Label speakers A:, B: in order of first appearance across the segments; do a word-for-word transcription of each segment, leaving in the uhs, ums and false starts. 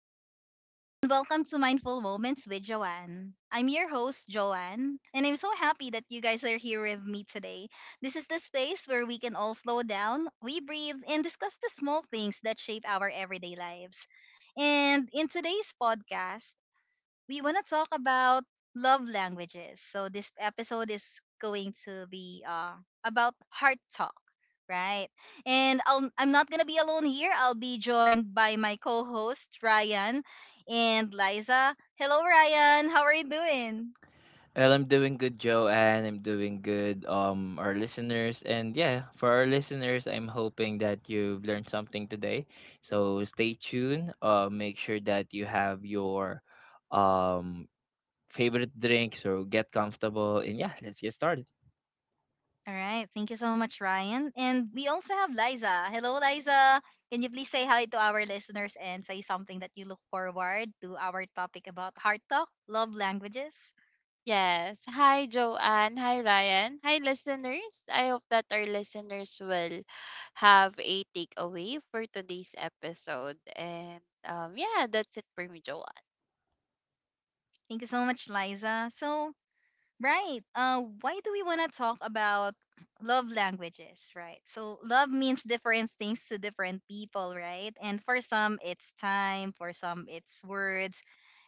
A: Hi, everyone, and welcome to Mindful Moments with Joanne. I'm your host, Joanne, and I'm so happy that you guys are here with me today. This is the space where we can all slow down, we breathe, and discuss the small things that shape our everyday lives. And in today's podcast, we want to talk about love languages. So this episode is going to be uh, about heart talk, right? And I'll, I'm not going to be alone here. I'll be joined by my co-host Ryan and Liza. Hello, Ryan. How are you doing?
B: Well, I'm doing good, Joe, and I'm doing good, um, our listeners. And yeah, for our listeners, I'm hoping that you've learned something today. So stay tuned. Uh, make sure that you have your um, favorite drinks or get comfortable. And yeah, let's get started.
A: All right. Thank you so much, Ryan. And we also have Liza. Hello, Liza. Can you please say hi to our listeners and say something that you look forward to our topic about heart talk, love languages?
C: Yes. Hi, Joanne. Hi, Ryan. Hi, listeners. I hope that our listeners will have a takeaway for today's episode. And um, Yeah, that's it for me, Joanne.
A: Thank you so much, Liza. So, Right. Uh, Why do we want to talk about love languages, right? So, love means different things to different people, right? And for some, it's time, for some, it's words,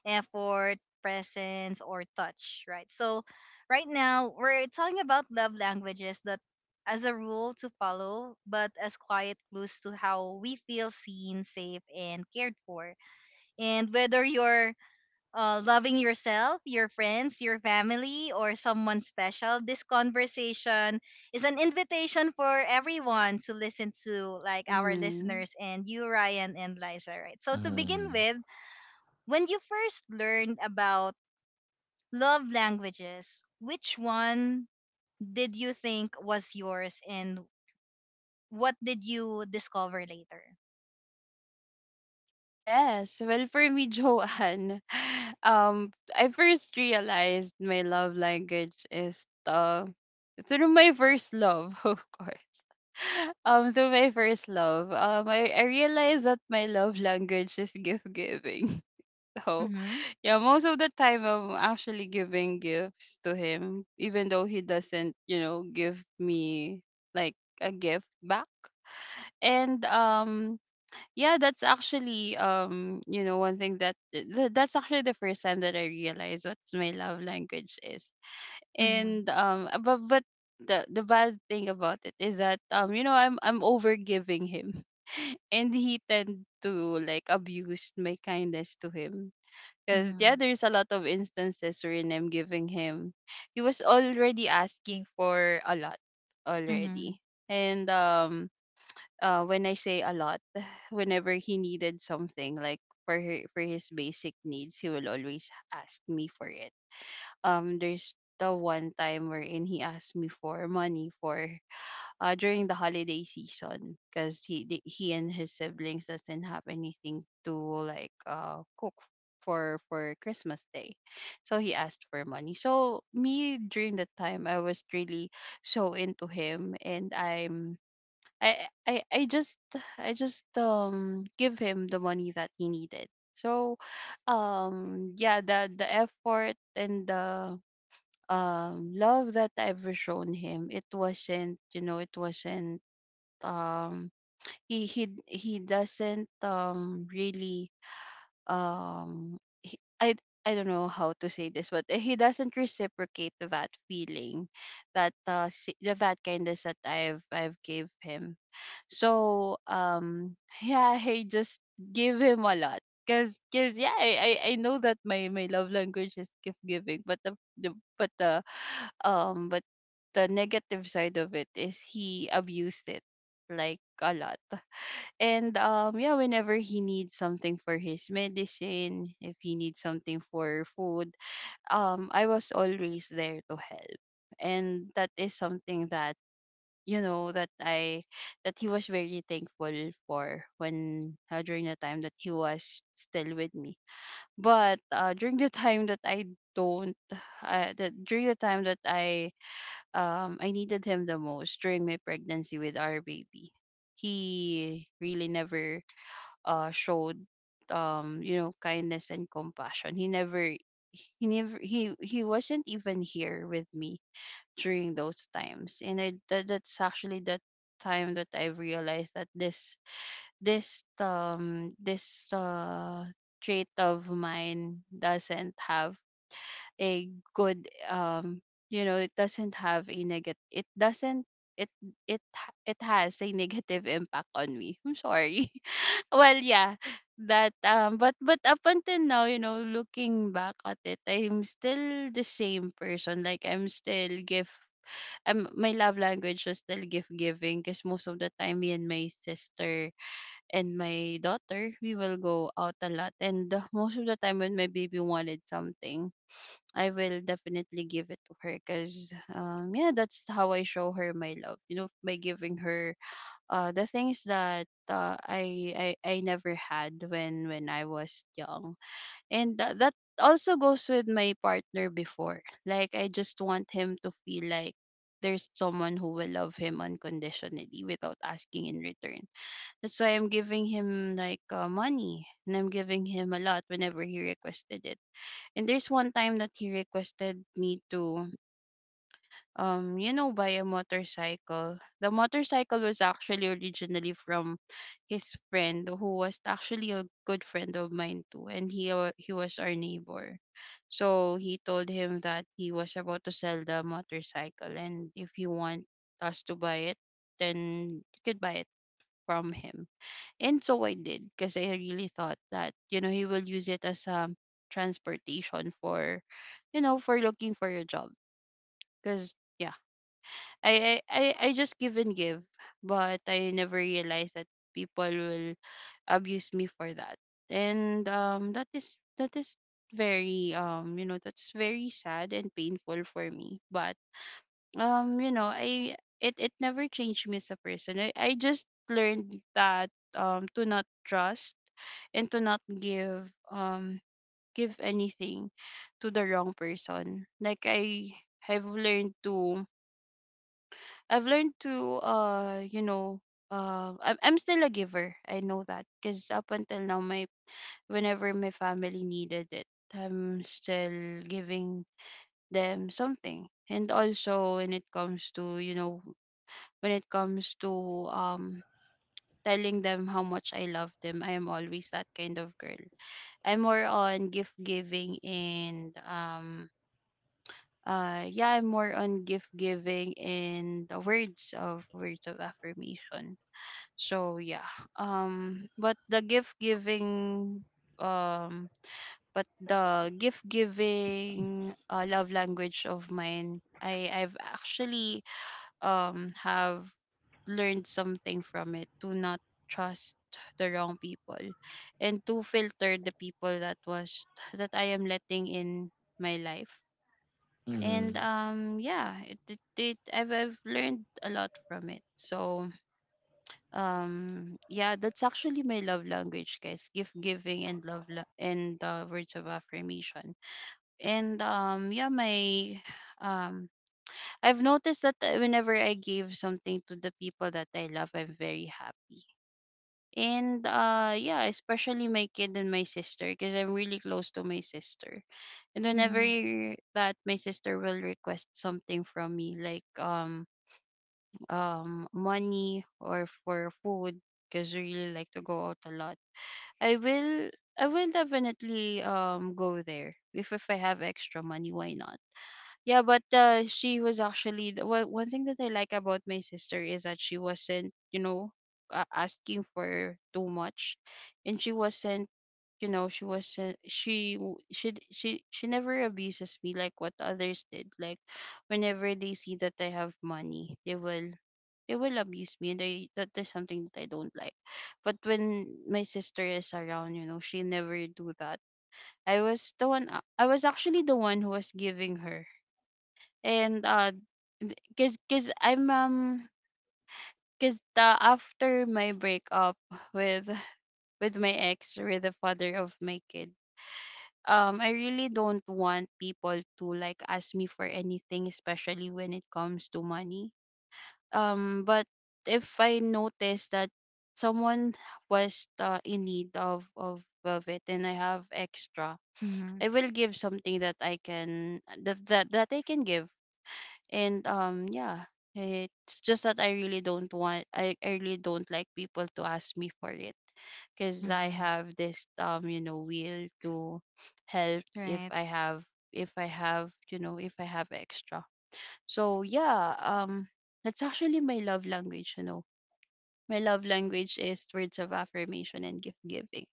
A: effort, presence, or touch, right? So, right now, we're talking about love languages that, as a rule, to follow, but as quiet clues to how we feel seen, safe, and cared for. And whether you're uh, loving yourself, your friends, your family, or someone special, this conversation is an invitation for everyone to listen to, like our
C: Mm-hmm.
A: listeners and you, Ryan and Liza, right? So, to begin
B: Mm-hmm.
A: with, when you first learned about love languages, which one did you think was yours and what did you discover later?
C: Yes. Well, for me, Joanne, um, I first realized my love language is the through my first love, of course. Um, through my first love, um, I, I realized that my love language is gift giving. So
A: Mm-hmm.
C: yeah. Most of the time, I'm actually giving gifts to him, even though he doesn't, you know, give me like a gift back. And um, Yeah, that's actually um, you know, one thing that th- that's actually the first time that I realized what's my love language is.
A: Mm-hmm.
C: And um, uh, but but the the bad thing about it is that um, you know, I'm I'm over giving him, and he tend to like abuse my kindness to him because
A: Mm-hmm.
C: yeah, there's a lot of instances wherein I'm giving him. He was already asking for a lot
A: Mm-hmm.
C: already. And um uh When I say a lot, whenever he needed something like for her, for his basic needs, he will always ask me for it. Um there's the one time wherein he asked me for money for uh, during the holiday season because he the- he and his siblings doesn't have anything to like uh cook for for Christmas Day, so he asked for money. So me during that time I was really so into him and I'm. I, I I just I just um give him the money that he needed. So um yeah, the the effort and the um love that I've shown him, it wasn't you know it wasn't um he he he doesn't um really um he, I I don't know how to say this, but he doesn't reciprocate that feeling, that uh, si- the that kindness that I've I've gave him. So um yeah, I just give him a lot. Cause, cause yeah, I, I, I know that my, my love language is gift giving, but the, the but the um but the negative side of it is he abused it like a lot. And um Yeah, whenever he needs something for his medicine, if he needs something for food, um I was always there to help. And that is something that you know that I that he was very thankful for when uh, during the time that he was still with me. But uh, during the time that I don't uh, that during the time that I um I needed him the most during my pregnancy with our baby, he really never uh showed um you know kindness and compassion. He never he never he he wasn't even here with me during those times, and I, that, that's actually the time that I realized that this this um this uh trait of mine doesn't have a good um you know it doesn't have a negative it doesn't it it ha- it has a negative impact on me. I'm sorry. Well, yeah that um but but up until now, you know, looking back at it, I'm still the same person. Like I'm still give um, My love language was still gift giving because most of the time me and my sister and my daughter we will go out a lot, and the- most of the time when my baby wanted something, I will definitely give it to her because um yeah, that's how I show her my love, you know, by giving her uh the things that uh, I I I never had when when I was young. And tha- that also goes with my partner before. Like, I just want him to feel like there's someone who will love him unconditionally without asking in return. That's why I'm giving him like uh, money, and I'm giving him a lot whenever he requested it. And there's one time that he requested me to um, you know, buy a motorcycle. The motorcycle was actually originally from his friend, who was actually a good friend of mine too, and he wa- he was our neighbor. So he told him that he was about to sell the motorcycle, and if he want us to buy it, then you could buy it from him. And so I did, because I really thought that, you know, he will use it as a transportation for, you know, for looking for a job, because. Yeah, I I I I just give and give, but I never realized that people will abuse me for that. And um that is that is very um you know that's very sad and painful for me. But um you know I it it never changed me as a person. I I just learned that um to not trust and to not give um give anything to the wrong person. Like I have learned to I've learned to, uh you know uh I'm I'm still a giver. I know that because up until now my whenever my family needed it, I'm still giving them something. And also when it comes to you know when it comes to um telling them how much I love them, I am always that kind of girl. I'm more on gift giving and um uh Yeah, I'm more on gift giving and the words of words of affirmation. So yeah. Um but the gift giving um but the gift giving, uh, love language of mine, I I've actually um have learned something from it, to not trust the wrong people and to filter the people that was that I am letting in my life. And
B: Mm-hmm.
C: um Yeah, it, it, it I've I've learned a lot from it. So um yeah, that's actually my love language, guys: gift giving and love la- and, uh, words of affirmation. And um yeah my um I've noticed that, uh, whenever I give something to the people that I love, I'm very happy. And uh yeah, especially my kid and my sister, because I'm really close to my sister. And whenever that my sister will request something from me, like um um money or for food, because we really like to go out a lot, I will I will definitely um go there if if I have extra money, why not? Yeah, but uh, she was actually the one. One thing that I like about my sister is that she wasn't, you know, uh, asking for too much, and she wasn't, you know, she wasn't she w- she d- she she never abuses me like what others did. Like whenever they see that I have money, they will they will abuse me, and I that is something that I don't like. But when my sister is around, you know, she never do that. I was the one a- I was actually the one who was giving her. And uh th- cause cause I'm um cause the after my breakup with with my ex, with the father of my kid, um I really don't want people to like ask me for anything, especially when it comes to money. Um, but if I notice that someone was, uh, in need of, of of it, and I have extra,
A: Mm-hmm.
C: I will give something that I can, that that, that I can give. And um, Yeah, it's just that I really don't want, I, I really don't like people to ask me for it, because I
A: Mm-hmm.
C: have this um you know will to help if
A: Right.
C: I have, if I have, you know, if I have extra. So yeah, um, that's actually my love language. You know, my love language is words of affirmation and gift giving.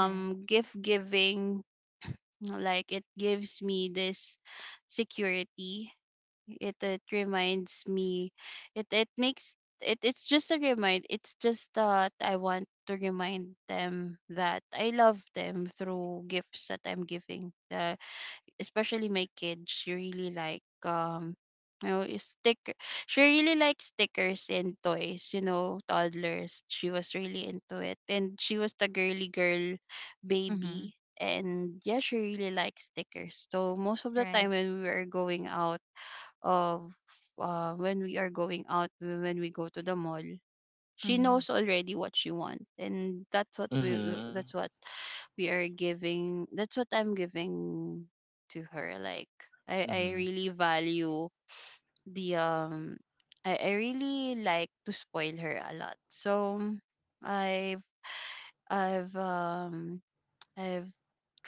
A: Right.
C: Gift giving, like, it gives me this security. It it reminds me. It it makes it. It's just a remind. It's just that I want to remind them that I love them through gifts that I'm giving. Uh, especially my kids, she really like, um you know is sticker. She really likes stickers and toys, you know, toddlers. She was really into it. And she was the girly girl
A: Mm-hmm.
C: baby. And yeah, she really likes stickers. So most of the
A: Right.
C: time when we are going out of uh, when we are going out, when we go to the mall, she
A: Mm-hmm.
C: knows already what she wants. And that's what we
B: Mm-hmm.
C: that's what we are giving that's what I'm giving to her. Like, i i really value the um i, I really like to spoil her a lot. So, I've I've um I've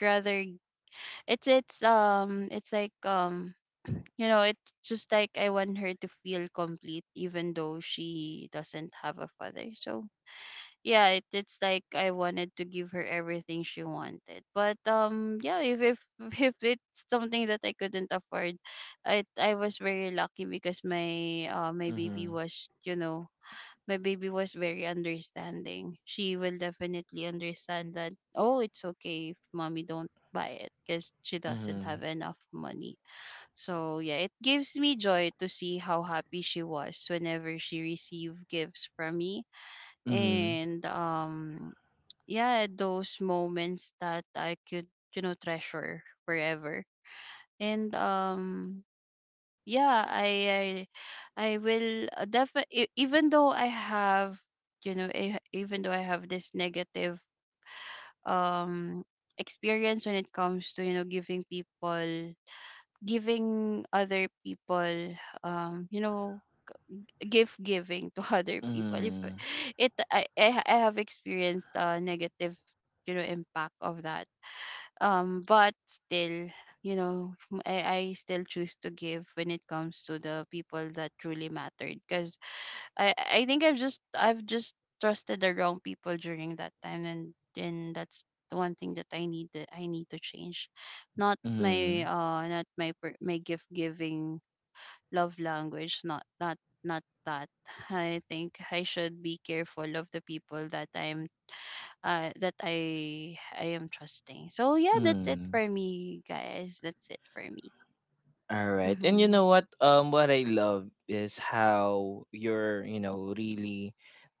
C: rather it's it's um it's like um you know it's just like I want her to feel complete even though she doesn't have a father. So yeah, it, it's like I wanted to give her everything she wanted, but um yeah, if if if it's something that I couldn't afford. I i was very lucky because my uh my baby
B: Mm-hmm.
C: was, you know my baby was very understanding. She will definitely understand that, oh, it's okay if mommy don't buy it because she doesn't
B: Mm-hmm.
C: have enough money. So yeah, it gives me joy to see how happy she was whenever she received gifts from me.
B: Mm-hmm.
C: And um yeah, those moments that I could, you know, treasure forever. And um yeah, I I, I will definitely, even though I have, you know, I, even though I have this negative um experience when it comes to, you know, giving people giving other people, um you know gift giving to other people. if
B: Mm-hmm.
C: I- it i i, I have experienced a negative, you know impact of that. Um but still, you know m- I, I still choose to give when it comes to the people that truly mattered, because i i think i've just i've just trusted the wrong people during that time. and and that's the one thing that i need that I need to change, not
B: Mm-hmm.
C: my uh not my per- my gift giving love language. Not not not that. I think I should be careful of the people that I'm uh, that I I am trusting. So yeah, that's it
B: Mm-hmm.
C: for me, guys. That's it for me.
B: All right. And you
C: Mhm.
B: know what? Um what I love is how you're, you know, really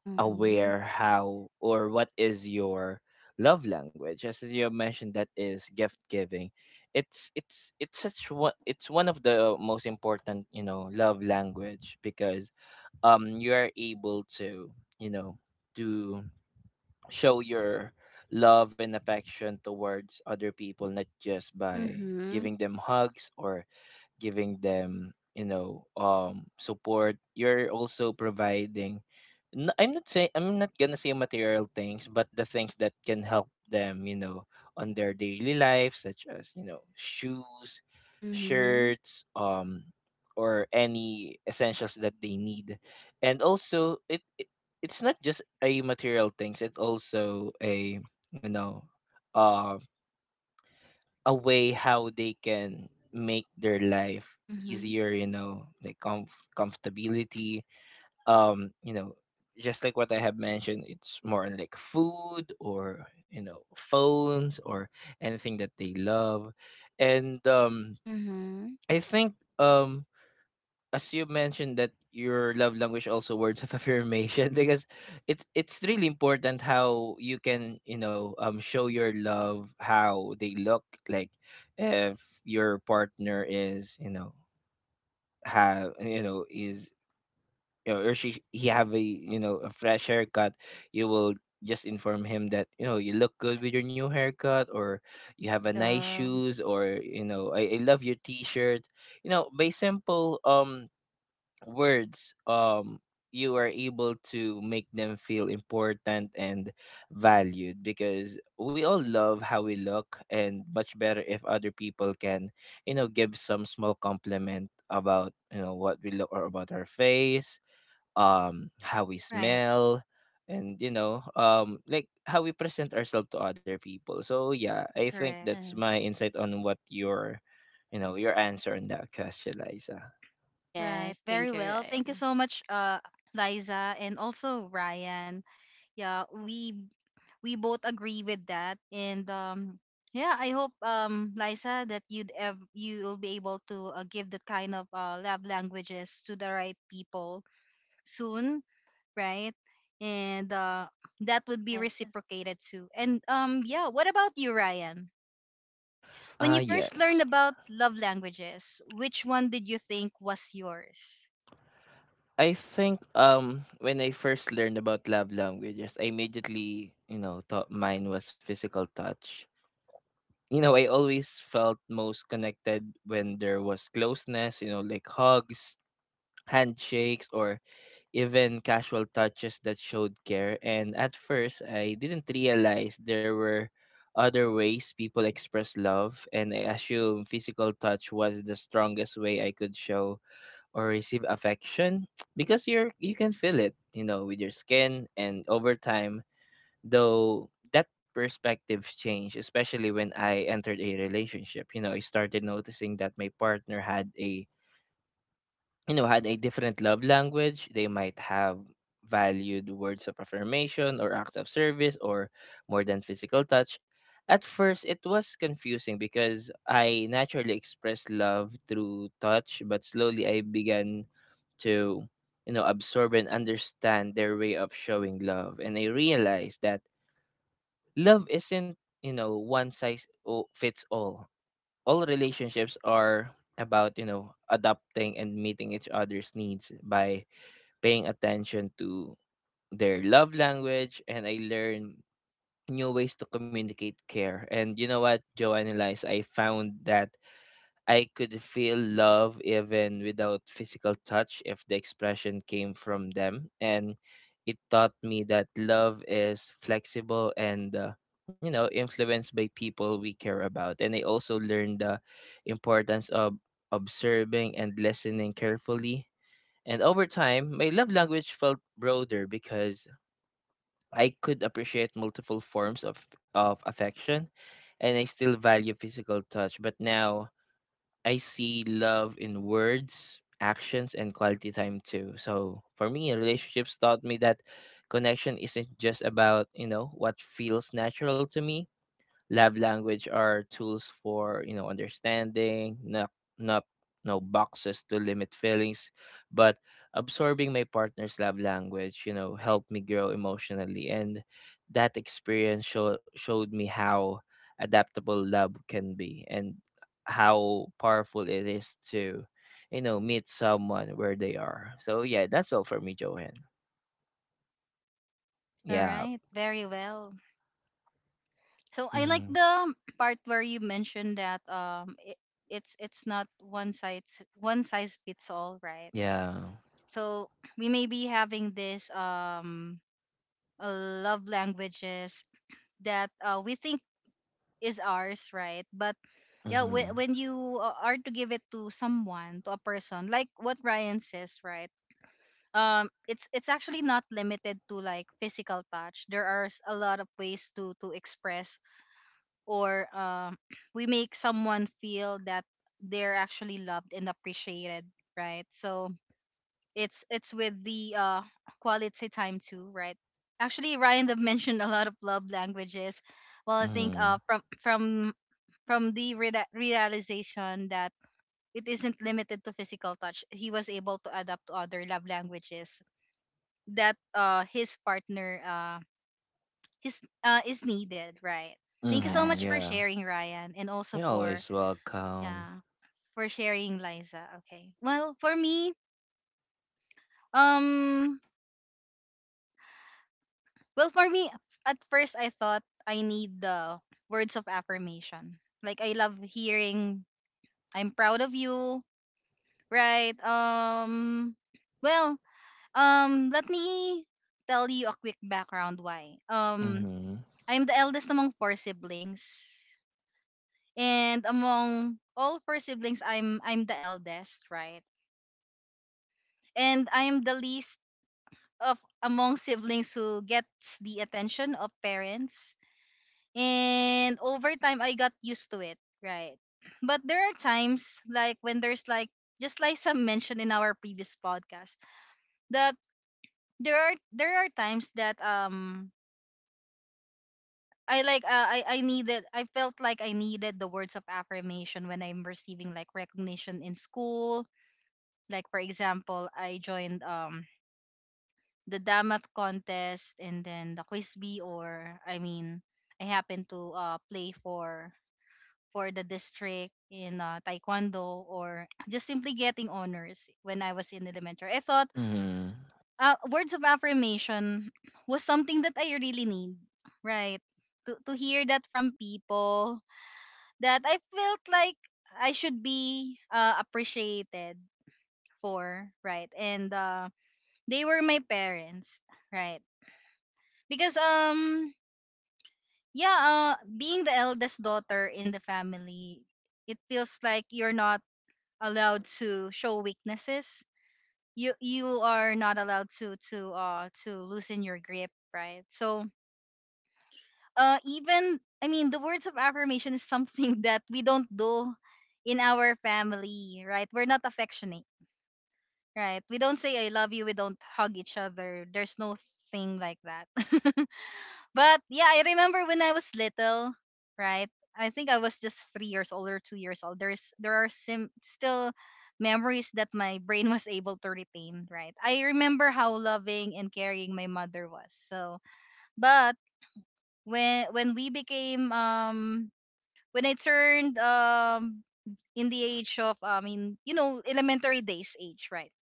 C: Mhm.
B: aware how or what is your love language. As you have mentioned, that is gift giving. It's it's it's such one it's one of the most important, you know, love language, because um you are able to, you know, to show your love and affection towards other people, not just by
C: Mhm.
B: giving them hugs or giving them, you know um support. You're also providing, n- I'm not saying, I'm not gonna say material things, but the things that can help them, you know, on their daily life, such as, you know, shoes,
C: Mhm.
B: shirts, um or any essentials that they need. And also, it, it it's not just a material things, it's also a, you know, um, a way how they can make their life
C: Mhm.
B: easier, you know, like comf- comfortability, um you know, just like what I have mentioned, it's more on like food or, you know, phones, or anything that they love. And um
C: Mhm.
B: I think um as you mentioned, that your love language also words of affirmation, because it's it's really important how you can, you know, um show your love, how they look like. If your partner is, you know, have, you know, is, you know, or she, he have a, you know, a fresh haircut, you will just inform him that, you know, you look good with your new haircut, or you have a nice
C: Yeah.
B: shoes, or you know, I, I love your t-shirt. You know, by simple um words, um you are able to make them feel important and valued, because we all love how we look, and much better if other people can, you know, give some small compliment about, you know, what we look, or about our face, um how we
A: Right.
B: smell, and, you know, um like how we present ourselves to other people. So yeah, I think
A: Correct.
B: that's
C: Uh,
B: my insight on what your, you know, your answer on that question, Liza.
A: Right.
C: yes.
A: Very
C: Thank you,
A: well. Thank you
C: Ryan.
A: so much, uh, Liza, and also Ryan. Yeah, we we both agree with that, and um, yeah, I hope um, Liza, that you'd ev- you'll be able to uh, give that kind of uh, love languages to the right people soon, right? And uh, that would be
C: Yes.
A: reciprocated too. And um, yeah, what about you, Ryan? When
B: Ah,
A: you first learned
B: yes.
A: about love languages, which one did you think was yours?
B: I think um when I first learned about love languages, I immediately, you know, thought mine was physical touch. You know, I always felt most connected when there was closeness, you know, like hugs, handshakes, or even casual touches that showed care. And at first, I didn't realize there were other ways people express love, and I assumed physical touch was the strongest way I could show or receive affection, because you're you can feel it, you know, with your skin. And over time, though, that perspective changed, especially when I entered a relationship. You know, I started noticing that my partner had a, you know, had a different love language. They might have valued words of affirmation or acts of service or more than physical touch. At first, it was confusing because I naturally expressed love through touch, but slowly I began to, you know, absorb and understand their way of showing love, and I realized that love isn't, you know, one size o- fits all. All relationships are about, you know, adapting and meeting each other's needs by paying attention to their love language, and I learned new ways to communicate care. And you know what, Joanne and Lies, I found that I could feel love even without physical touch if the expression came from them. And it taught me that love is flexible and, uh, you know, influenced by people we care about. And I also learned the importance of observing and listening carefully. And over time, my love language felt broader because I could appreciate multiple forms of, of affection, and I still value physical touch. But now I see love in words, actions, and quality time too. So for me, relationships taught me that connection isn't just about, you know, what feels natural to me. Love language are tools for, you know, understanding, not not no boxes to limit feelings, but absorbing my partner's love language, you know, helped me grow emotionally. And that experience show, showed me how adaptable love can be and how powerful it is to, you know, meet someone where they are. So yeah, that's all for me, Johan.
A: All
B: Yeah.
A: right, very well. So I
B: Hmm.
A: like the part where you mentioned that um it, it's it's not one size one size fits all, right?
B: Yeah.
A: So we may be having this um uh, love languages that uh, we think is ours, right? But yeah, when
B: Hmm.
A: when you uh, are to give it to someone, to a person, like what Ryan says, right? um it's it's actually not limited to like physical touch. There are s- a lot of ways to to express, or um we make someone feel that they're actually loved and appreciated, right? So it's it's with the uh quality time too, right? Actually, Ryan have mentioned a lot of love languages. Well, I think
B: Hmm.
A: uh from from from the reda realization that it isn't limited to physical touch, he was able to adapt to other love languages that uh his partner uh his uh is needed, right? Thank you so
B: Hmm.
A: much for
C: Yes.
B: Yeah.
A: sharing, Ryan, and also
B: You're
A: for
B: always welcome.
A: yeah, for sharing, Liza. Okay. Well, for me, um well for me at first I thought I need the words of affirmation. Like, I love hearing I'm proud of you, right? Um well, um let me tell you a quick background why. Um
B: Mm-hmm.
A: I'm the eldest among four siblings, and among all four siblings, i'm i'm the eldest, right? And I'm the least of among siblings who gets the attention of parents. And over time, I got used to it, right? But there are times, like when there's like, just like some mentioned in our previous podcast, that there are there are times that um I like uh, I I needed I felt like I needed the words of affirmation when I'm receiving like recognition in school. Like, for example, I joined um the Damat contest, and then the Quiz B, or I mean, I happen to uh play for for the district in uh, taekwondo, or just simply getting honors when I was in elementary. I thought
B: Mm-hmm.
A: uh, words of affirmation was something that I really need, right? To to hear that from people that I felt like I should be uh, appreciated for, right? And uh, they were my parents, right? Because um yeah, uh being the eldest daughter in the family, it feels like you're not allowed to show weaknesses. You you are not allowed to to uh to loosen your grip, right? So uh even, I mean, the words of affirmation is something that we don't do in our family, right? We're not affectionate, right? We don't say I love you, we don't hug each other. There's no thing like that. But yeah, I remember when I was little, right? I think I was just three years old or two years old. There's there are sim- still memories that my brain was able to retain, right? I remember how loving and caring my mother was. So, but when when we became, um when I turned, um in the age of, uh, I mean, you know, elementary days age, right?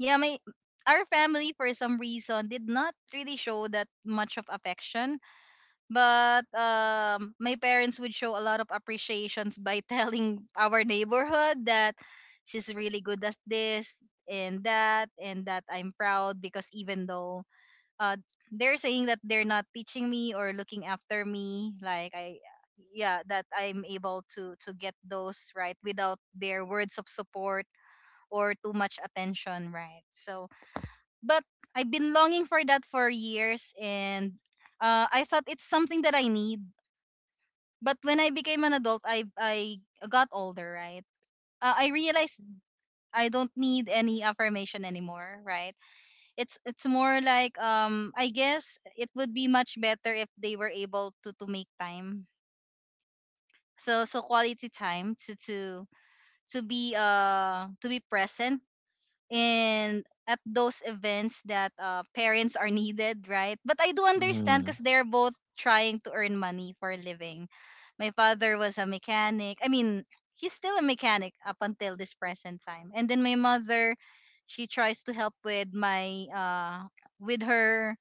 A: Yeah, my our family for some reason did not really show that much of affection. But um, my parents would show a lot of appreciations by telling our neighborhood that she's really good at this and that, and that I'm proud because even though uh, they're saying that they're not teaching me or looking after me, like I, yeah, that I'm able to to get those right without their words of support or too much attention, right? So, but I've been longing for that for years, and uh, I thought it's something that I need. But when I became an adult, I I got older, right? Uh, I realized I don't need any affirmation anymore, right? It's it's more like, um I guess it would be much better if they were able to to make time. So, so quality time, to to to be uh to be present and at those events that uh, parents are needed, right? But I do understand
B: Mm-hmm.
A: because they're both trying to earn money for a living. My father was a mechanic. I mean, he's still a mechanic up until this present time. And then my mother, she tries to help with my uh with her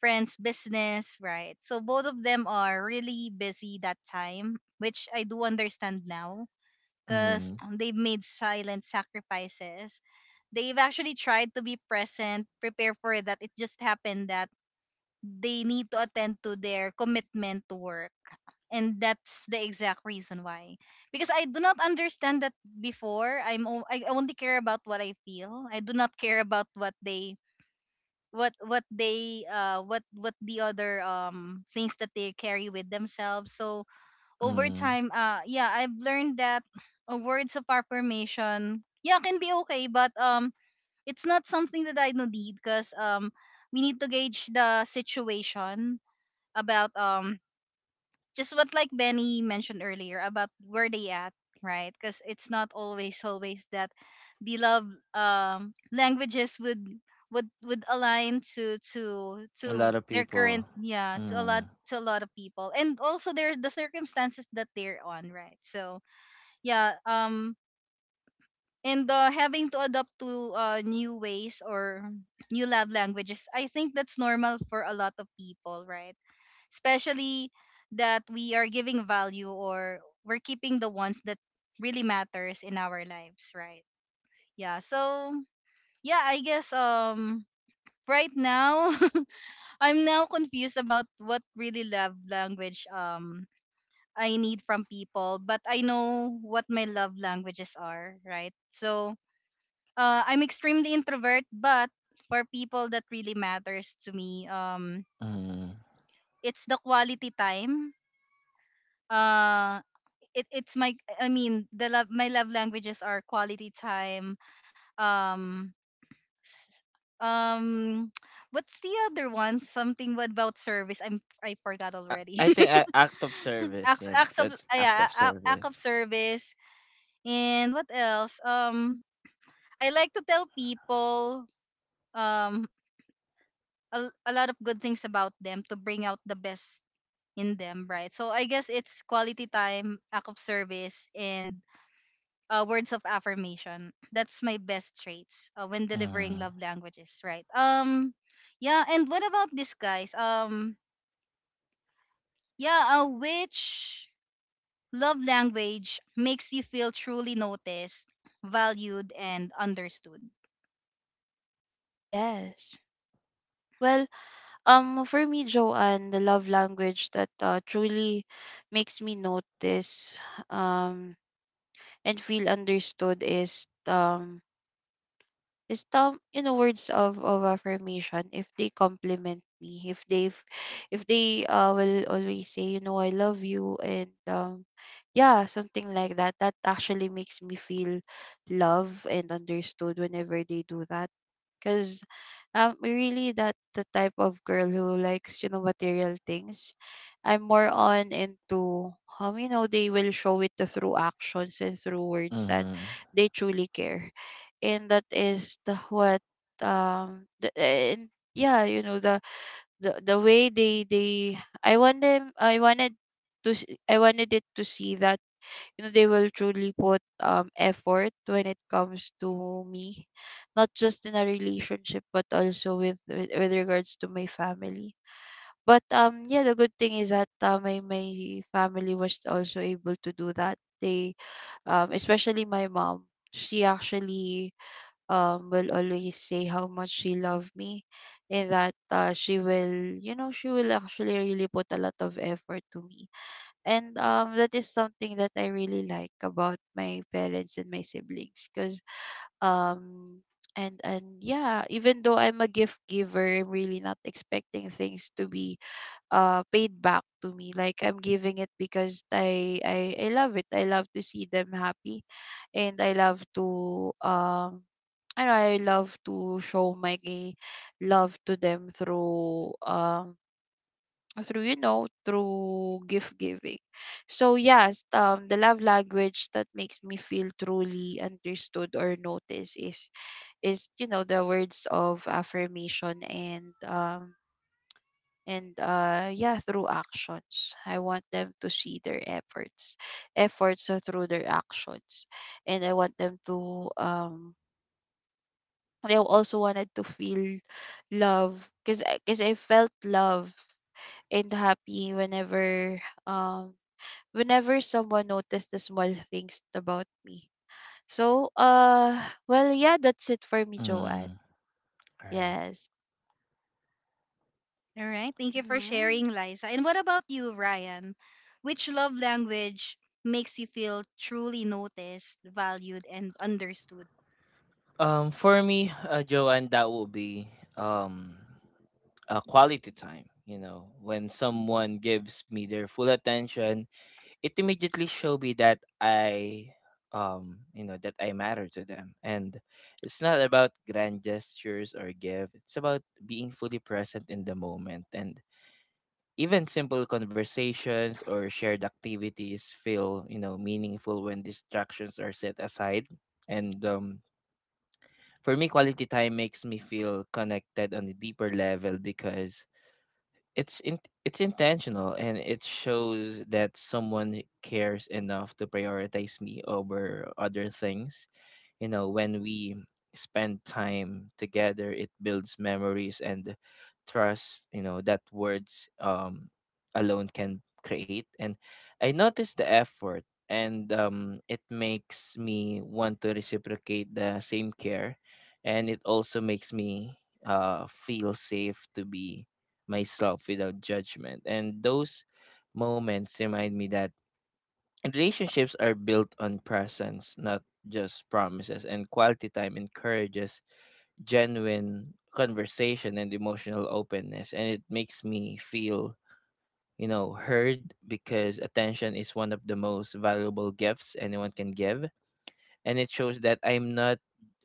A: friend's business, right? So both of them are really busy that time, which I do understand now because
B: Mm-hmm.
A: they've made silent sacrifices. They've actually tried to be present, prepare for that. It just happened that they need to attend to their commitment to work. And that's the exact reason why. Because I do not understand that before. I'm o- I only care about what I feel. I do not care about what they what what they uh what what the other um things that they carry with themselves. So over
B: Mm-hmm.
A: time, uh, yeah, I've learned that uh, words of affirmation, yeah, can be okay, but um, it's not something that I do need, because um, we need to gauge the situation about um just what, like Benny mentioned earlier, about where they at, right? Because it's not always always that the love um languages would would would align to to
B: A lot
A: to
B: of
A: their
B: people.
A: current, yeah, to a
B: Mm-hmm.
A: lot to a lot of people, and also their the circumstances that they're on, right? So yeah, um and uh, having to adapt to uh, new ways or new love languages, I think that's normal for a lot of people, right? Especially that we are giving value, or we're keeping the ones that really matters in our lives, right? Yeah. So yeah, I guess um right now I'm now confused about what really love language um I need from people, but I know what my love languages are, right? So uh, I'm extremely introvert, but for people that really matters to me, um
B: Mm-hmm.
A: it's the quality time. uh. it it's my I mean the love my love languages are quality time, um s- um what's the other one, something about service? I'm I forgot
B: I,
A: already.
B: I think I, act of service.
A: acts
B: Yeah,
A: acts of
B: that's
A: ah,
B: act
A: yeah
B: of
A: a- act
B: service.
A: of service. And what else? um I like to tell people um a, a lot of good things about them to bring out the best in them, right? So I guess it's quality time, act of service, and uh, words of affirmation. That's my best traits uh, when delivering love
B: Mm-hmm.
A: languages, right? Um, yeah. And what about this, guys? Um, yeah. Uh, which love language makes you feel truly noticed, valued, and understood?
C: Yes. Well, um, for me, Joanne, the love language that uh, truly makes me notice, um, and feel understood is, um some, you know, words of, of affirmation. If they compliment me, if they if they uh, will always say, you know, I love you, and um yeah, something like that. That actually makes me feel loved and understood whenever they do that. 'Cause I'm really that, the type of girl who likes, you know, material things. I'm more on into, um, you know, they will show it through actions and through words that
B: Mm-hmm.
C: they truly care. And that is the what um the, and yeah, you know, the the, the way they they I want them I wanted to s- I wanted it to see that, you know, they will truly put um effort when it comes to me, not just in a relationship but also with with, with regards to my family. But um yeah, the good thing is that, uh, my my family was also able to do that, they um especially my mom. She actually, um will always say how much she loved me, and that, uh, she will you know she will actually really put a lot of effort to me. And um that is something that I really like about my parents and my siblings. Because um and and Yeah, even though I'm a gift giver, I'm really not expecting things to be uh paid back to me, like I'm giving it because i i, I love it. I love to see them happy, and I love to um and I love to show my love to them through, um through you know through gift giving. So yes, um the love language that makes me feel truly understood or noticed is is you know the words of affirmation. And um and uh yeah, through actions, I want them to see their efforts, efforts uh, through their actions. And i want them to um I also wanted to feel love, because because I felt love and happy whenever, um whenever someone noticed the small things about me. So uh well, yeah, that's it for me, Joanne.
B: Mm-hmm. All right.
C: Yes.
A: All right. Thank you for
C: Mhm.
A: sharing, Liza. And what about you, Ryan? Which love language makes you feel truly noticed, valued, and understood?
B: Um, for me, uh, Joanne, that will be um a quality time. You know, when someone gives me their full attention, it immediately showed me that I, um you know, that I matter to them. And it's not about grand gestures or give, it's about being fully present in the moment, and even simple conversations or shared activities feel, you know, meaningful when distractions are set aside. And um for me, quality time makes me feel connected on a deeper level, because it's in, it's intentional, and it shows that someone cares enough to prioritize me over other things. You know, when we spend time together, it builds memories and trust, you know, that words um alone can create. And I notice the effort, and um it makes me want to reciprocate the same care. And it also makes me uh feel safe to be myself without judgment. And those moments remind me that relationships are built on presence, not just promises. And quality time encourages genuine conversation and emotional openness. And it makes me feel, you know, heard, because attention is one of the most valuable gifts anyone can give. And it shows that I'm not,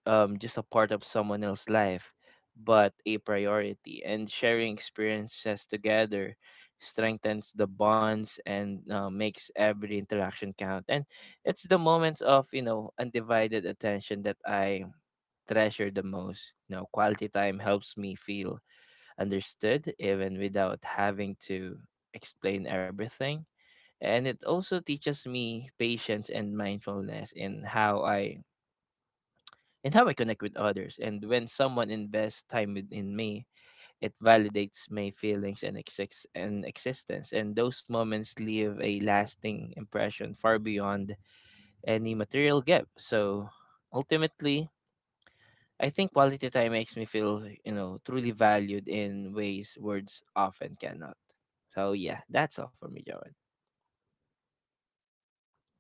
B: um, just a part of someone else's life, but a priority. And sharing experiences together strengthens the bonds, and uh, makes every interaction count. And it's the moments of, you know, undivided attention that I treasure the most. You know, quality time helps me feel understood even without having to explain everything. And it also teaches me patience and mindfulness in how I and how I connect with others. And when someone invests time in me, it validates my feelings and, exis- and existence. And those moments leave a lasting impression far beyond any material gift. So ultimately, I think quality time makes me feel, you know, truly valued in ways words often cannot. So yeah, that's all for me, Joan.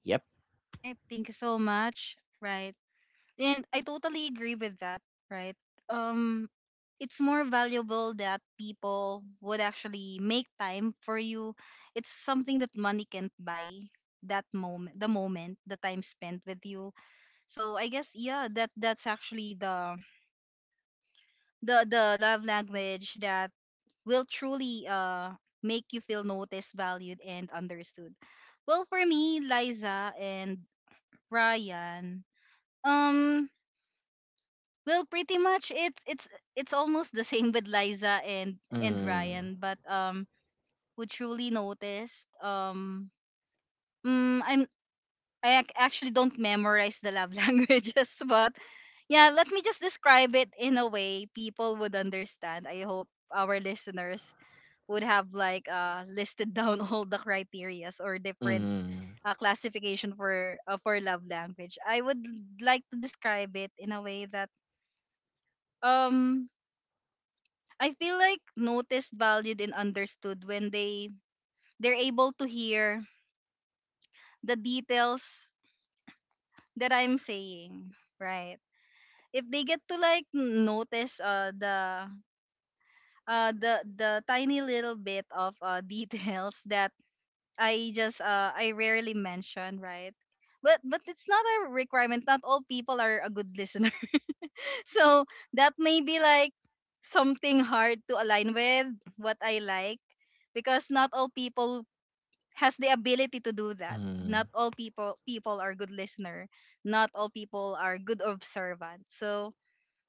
B: Yep.
A: All right. Thank you so much. Right. And I totally agree with that, right? Um it's more valuable that people would actually make time for you. It's something that money can't buy. That moment, the moment the time spent with you. So I guess, yeah, that that's actually the the the love language that will truly uh make you feel noticed, valued, and understood. Well, for me, Liza and Ryan, um well, pretty much it's it's it's almost the same with Liza and and
B: Mm.
A: Ryan, but um, who truly noticed um, mm, I'm I ac- actually, don't memorize the love languages, but yeah, let me just describe it in a way people would understand. I hope our listeners would have like uh listed down all the criterias or different
B: Mhm.
A: uh, classification for uh, for love language. I would like to describe it in a way that um I feel like noticed, valued, and understood when they they're able to hear the details that I'm saying, right? If they get to like n- notice uh the uh the the tiny little bit of uh details that I just uh I rarely mention, right? But but it's not a requirement. Not all people are a good listener. So that may be like something hard to align with what I like, because not all people has the ability to do that.
B: Mhm.
A: Not all people people are good listener. Not all people are good observant. So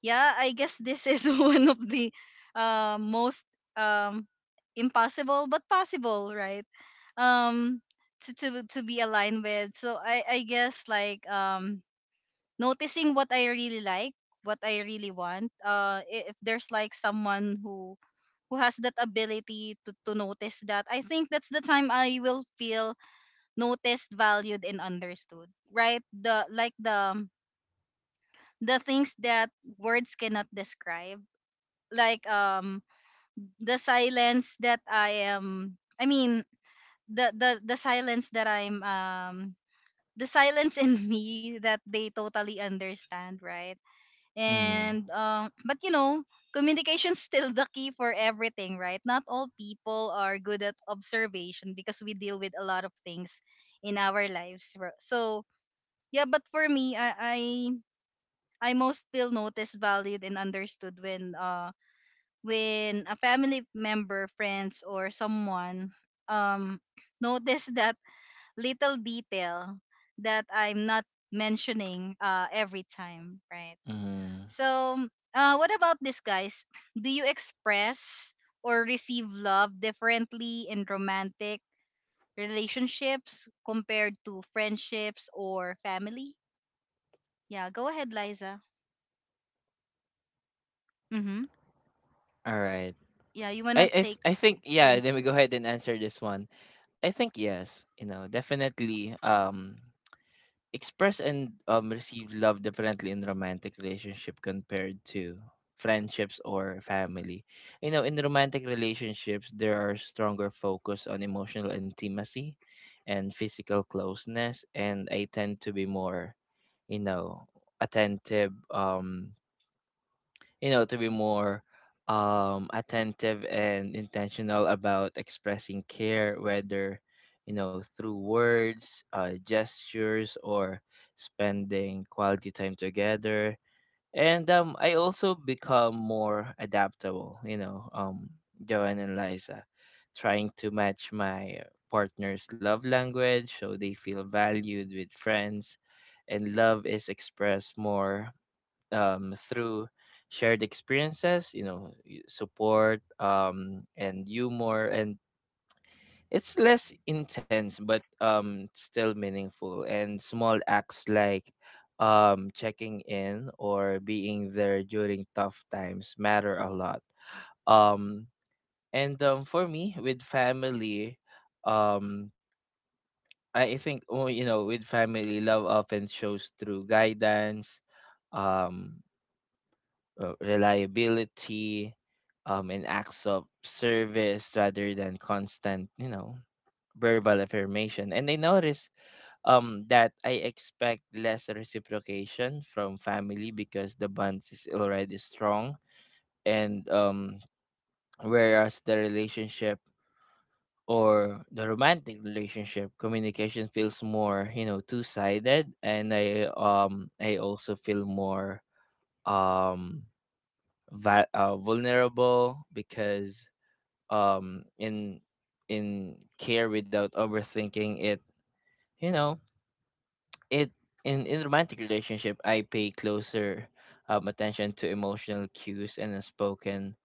A: yeah, I guess this is one of the uh, most um, impossible but possible, right? Um, to, to to be aligned with. So I I guess like um noticing what I really like, what I really want. Uh, i- if there's like someone who who has that ability to, to notice that, I think that's the time I will feel noticed, valued, and understood. Right? The like the the things that words cannot describe. Like um the silence that I am I mean the the the silence that I'm um the silence in me that they totally understand, right?
B: Mhm.
A: And um but you know, communication's still the key for everything, right? Not all people are good at observation because we deal with a lot of things in our lives. ro- So yeah, but for me, i i i most feel noticed, valued, and understood when uh when a family member, friends, or someone um notice that little detail that I'm not mentioning uh every time, right?
B: Mhm.
A: So uh what about this, guys? Do you express or receive love differently in romantic relationships compared to friendships or family? Yeah, go ahead, Liza. Mm-hmm.
B: Alright.
A: Yeah, you
B: I
A: wanna
B: I
A: take
B: th- I think, yeah,
A: turns
B: then we go ahead
A: first.
B: and answer this one. I think yes, you know, definitely um express and um receive love differently in romantic relationship compared to friendships or family. You know, in romantic relationships, there are stronger focus on emotional intimacy and physical closeness, and I tend to be more, you know, attentive, um you know, to be more um, attentive and intentional about expressing care, whether, you know, through words, uh, gestures, or spending quality time together. And um, I also become more adaptable, you know, um, Joanne and Liza, trying to match my partner's love language so they feel valued. With friends, and love is expressed more um, through shared experiences, you know, y- support, um, and humor, and it's less intense but um, still meaningful. And small acts like um, checking in or being there during tough times matter a lot. Um, and um, For me, with family, um, I I think, oh, you know, with family, love often shows through guidance. Um, uh, Reliability, um, and acts of service rather than constant, you know, verbal affirmation. And I notice um, that I expect less reciprocation from family because the bond is already strong. And um, whereas the relationship or the romantic relationship, communication feels more, you know, two-sided, and I, um I also feel more um vi- uh, vulnerable because um in in care without overthinking it, you know, it, in in romantic relationship, I pay closer um, attention to emotional cues and unspoken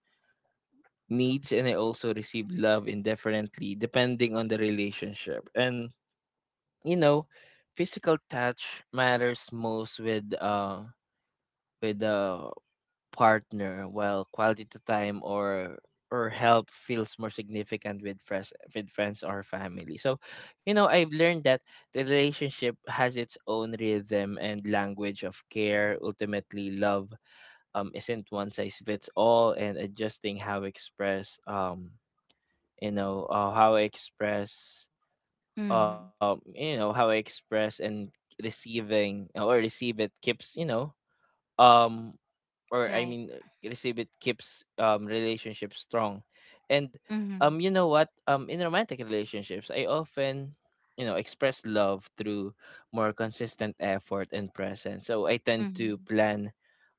B: needs. And I also receive love indifferently depending on the relationship, and, you know, physical touch matters most with, uh with the partner, while quality time or or help feels more significant with friends, with friends or family. So, you know, I've learned that the relationship has its own rhythm and language of care. Ultimately, love um isn't one size fits all, and adjusting how express, um you know, uh, how I express, um
A: Mm-hmm.
B: you know, how I express and receiving or receive it keeps, you know, um or I
A: Right.
B: mean uh, receive it keeps um relationships strong. And
A: Mm-hmm.
B: um you know what? Um in romantic relationships, I often, you know, express love through more consistent effort and presence. So I tend to
A: Mm-hmm.
B: plan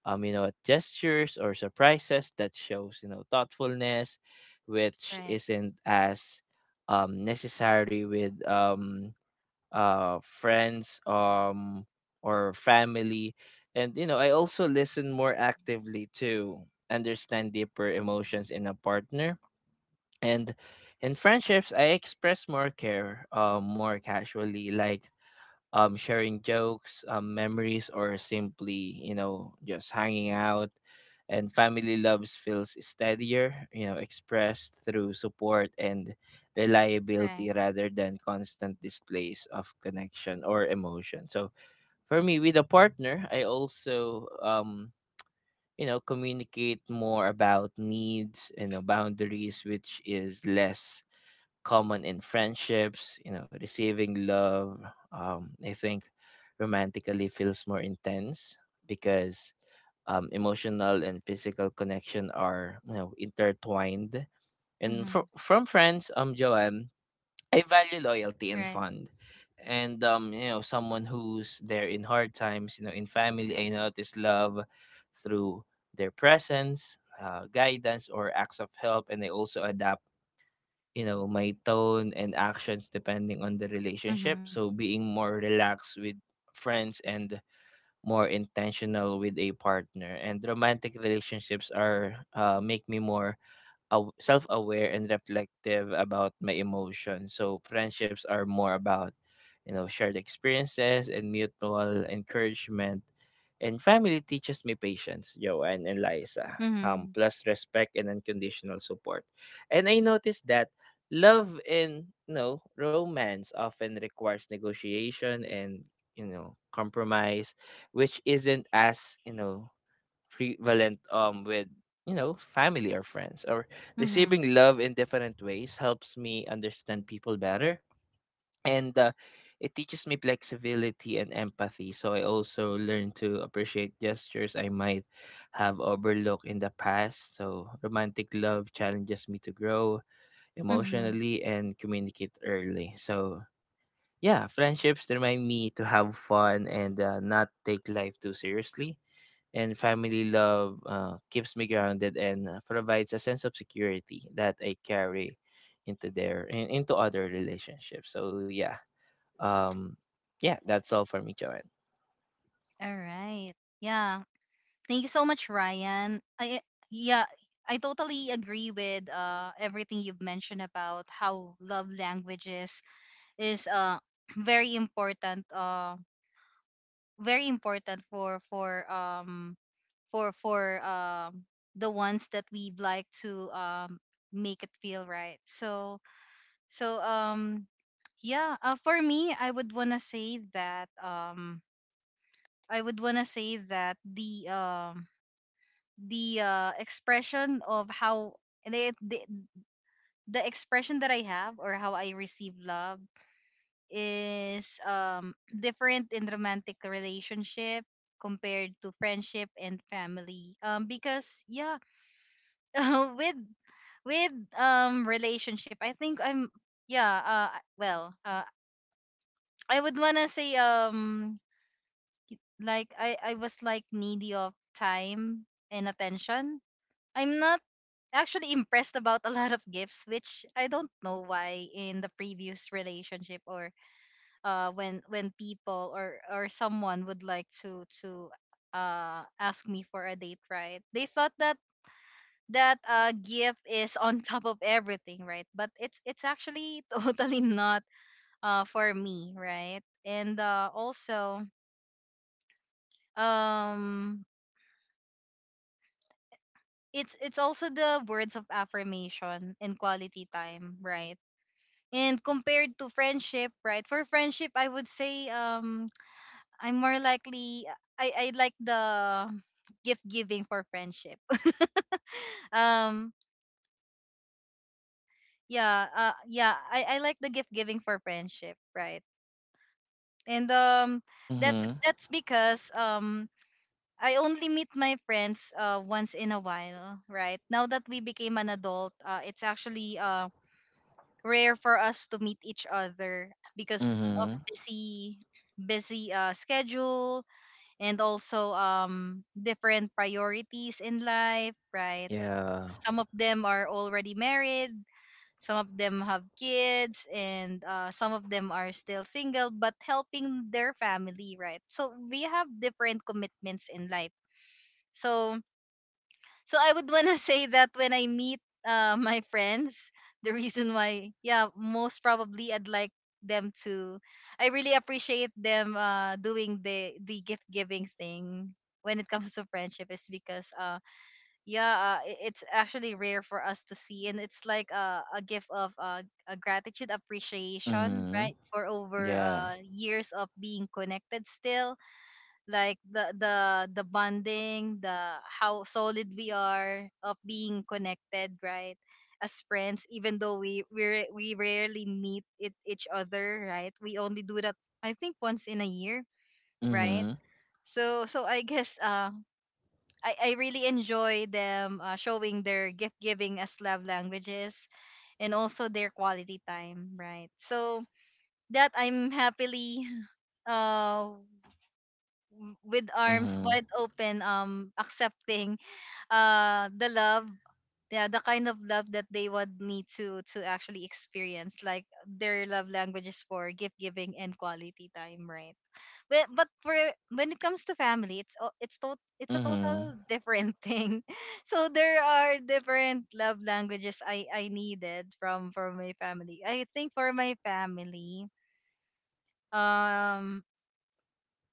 B: um you know gestures or surprises that shows you know thoughtfulness which
A: Right.
B: isn't as um necessary with um uh, friends um, or family. And, you know, I also listen more actively to understand deeper emotions in a partner. And in friendships, I express more care uh, more casually, like um, sharing jokes, um, memories, or simply, you know, just hanging out. And family loves feels steadier, you know, expressed through support and reliability
A: Right.
B: rather than constant displays of connection or emotion. So for me, with a partner, I also, um, you know, communicate more about needs and boundaries, which is less common in friendships, you know, receiving love. Um, I think romantically feels more intense because um, emotional and physical connection are you know intertwined. And fro-
A: Mm-hmm.
B: from friends, um, Joanne, I value loyalty and
A: Right.
B: fond. And um, you know, someone who's there in hard times, you know, in family, I notice love through their presence, uh, guidance, or acts of help, and they also adapt you know, my tone and actions depending on the relationship.
A: Mm-hmm.
B: So being more relaxed with friends and more intentional with a partner. And romantic relationships are uh, make me more aw- self-aware and reflective about my emotions. So friendships are more about, you know, shared experiences and mutual encouragement. And family teaches me patience, Joanne and Liza, um,
A: Mm-hmm.
B: plus respect and unconditional support. And I noticed that love and you know, romance often requires negotiation and you know compromise, which isn't as you know prevalent um with you know family or friends or
A: Mm-hmm.
B: receiving love in different ways helps me understand people better and uh, it teaches me flexibility and empathy so I also learn to appreciate gestures I might have overlooked in the past so romantic love challenges me to grow
A: Mm-hmm.
B: emotionally and communicate early so yeah friendships remind me to have fun and uh, not take life too seriously and family love uh, keeps me grounded and uh, provides a sense of security that I carry into their in, into other relationships. So yeah, um, yeah, that's all for me, Joanne.
A: All right. Yeah. Thank you so much, Ryan. I, yeah, I totally agree with uh everything you've mentioned about how love languages is uh very important, uh very important for for um for for um the ones that we'd like to um make it feel right. So so um yeah, uh, for me, I would want to say that um I would want to say that the um the uh expression of how the, the the expression that I have or how I receive love is um different in romantic relationship compared to friendship and family, um because yeah, with with um relationship, I think i'm yeah uh I- well uh I would wanna say, um like, i i was like needy of time and attention. I'm not actually impressed about a lot of gifts, which I don't know why. In the previous relationship, or uh when when people or or someone would like to to uh ask me for a date, right? They thought that that uh gift is on top of everything, right? But it's it's actually totally not uh for me, right? And uh also, um it's it's also the words of affirmation and quality time, right? And compared to friendship, right? For friendship, I would say, um I'm more likely, i i like the gift giving for friendship. um yeah, uh yeah, i i like the gift giving for friendship, right? And um that's
B: Mhm.
A: that's because um I only meet my friends uh once in a while, right? Now that we became an adult, uh it's actually uh rare for us to meet each other because of
B: Mhm.
A: busy busy uh schedule, and also um different priorities in life, right?
B: Yeah.
A: Some of them are already married, some of them have kids, and uh, some of them are still single but helping their family, right? So we have different commitments in life. So, so I would wanna say that when I meet uh, my friends, the reason why, yeah, most probably I'd like them to, I really appreciate them uh, doing the the gift giving thing when it comes to friendship, is because uh yeah, uh, i- it's actually rare for us to see, and it's like a a gift of uh, a gratitude, appreciation,
B: Mhm.
A: right? For over
B: Yeah.
A: uh years of being connected, still like the the the bonding, the how solid we are of being connected, right? As friends, even though we we ra- we rarely meet it, each other, right? We only do that, I think, once in a year, right?
B: Mhm.
A: So so I guess uh I, I really enjoy them uh, showing their gift giving as love languages, and also their quality time, right? So that I'm happily uh w- with arms
B: Mhm.
A: wide open, um accepting uh the love, yeah, the kind of love that they want me to to actually experience, like their love languages for gift giving and quality time, right? But but for when it comes to family, it's o- it's to, it's a
B: Mhm.
A: total different thing. So there are different love languages I I needed from from my family. I think for my family, um,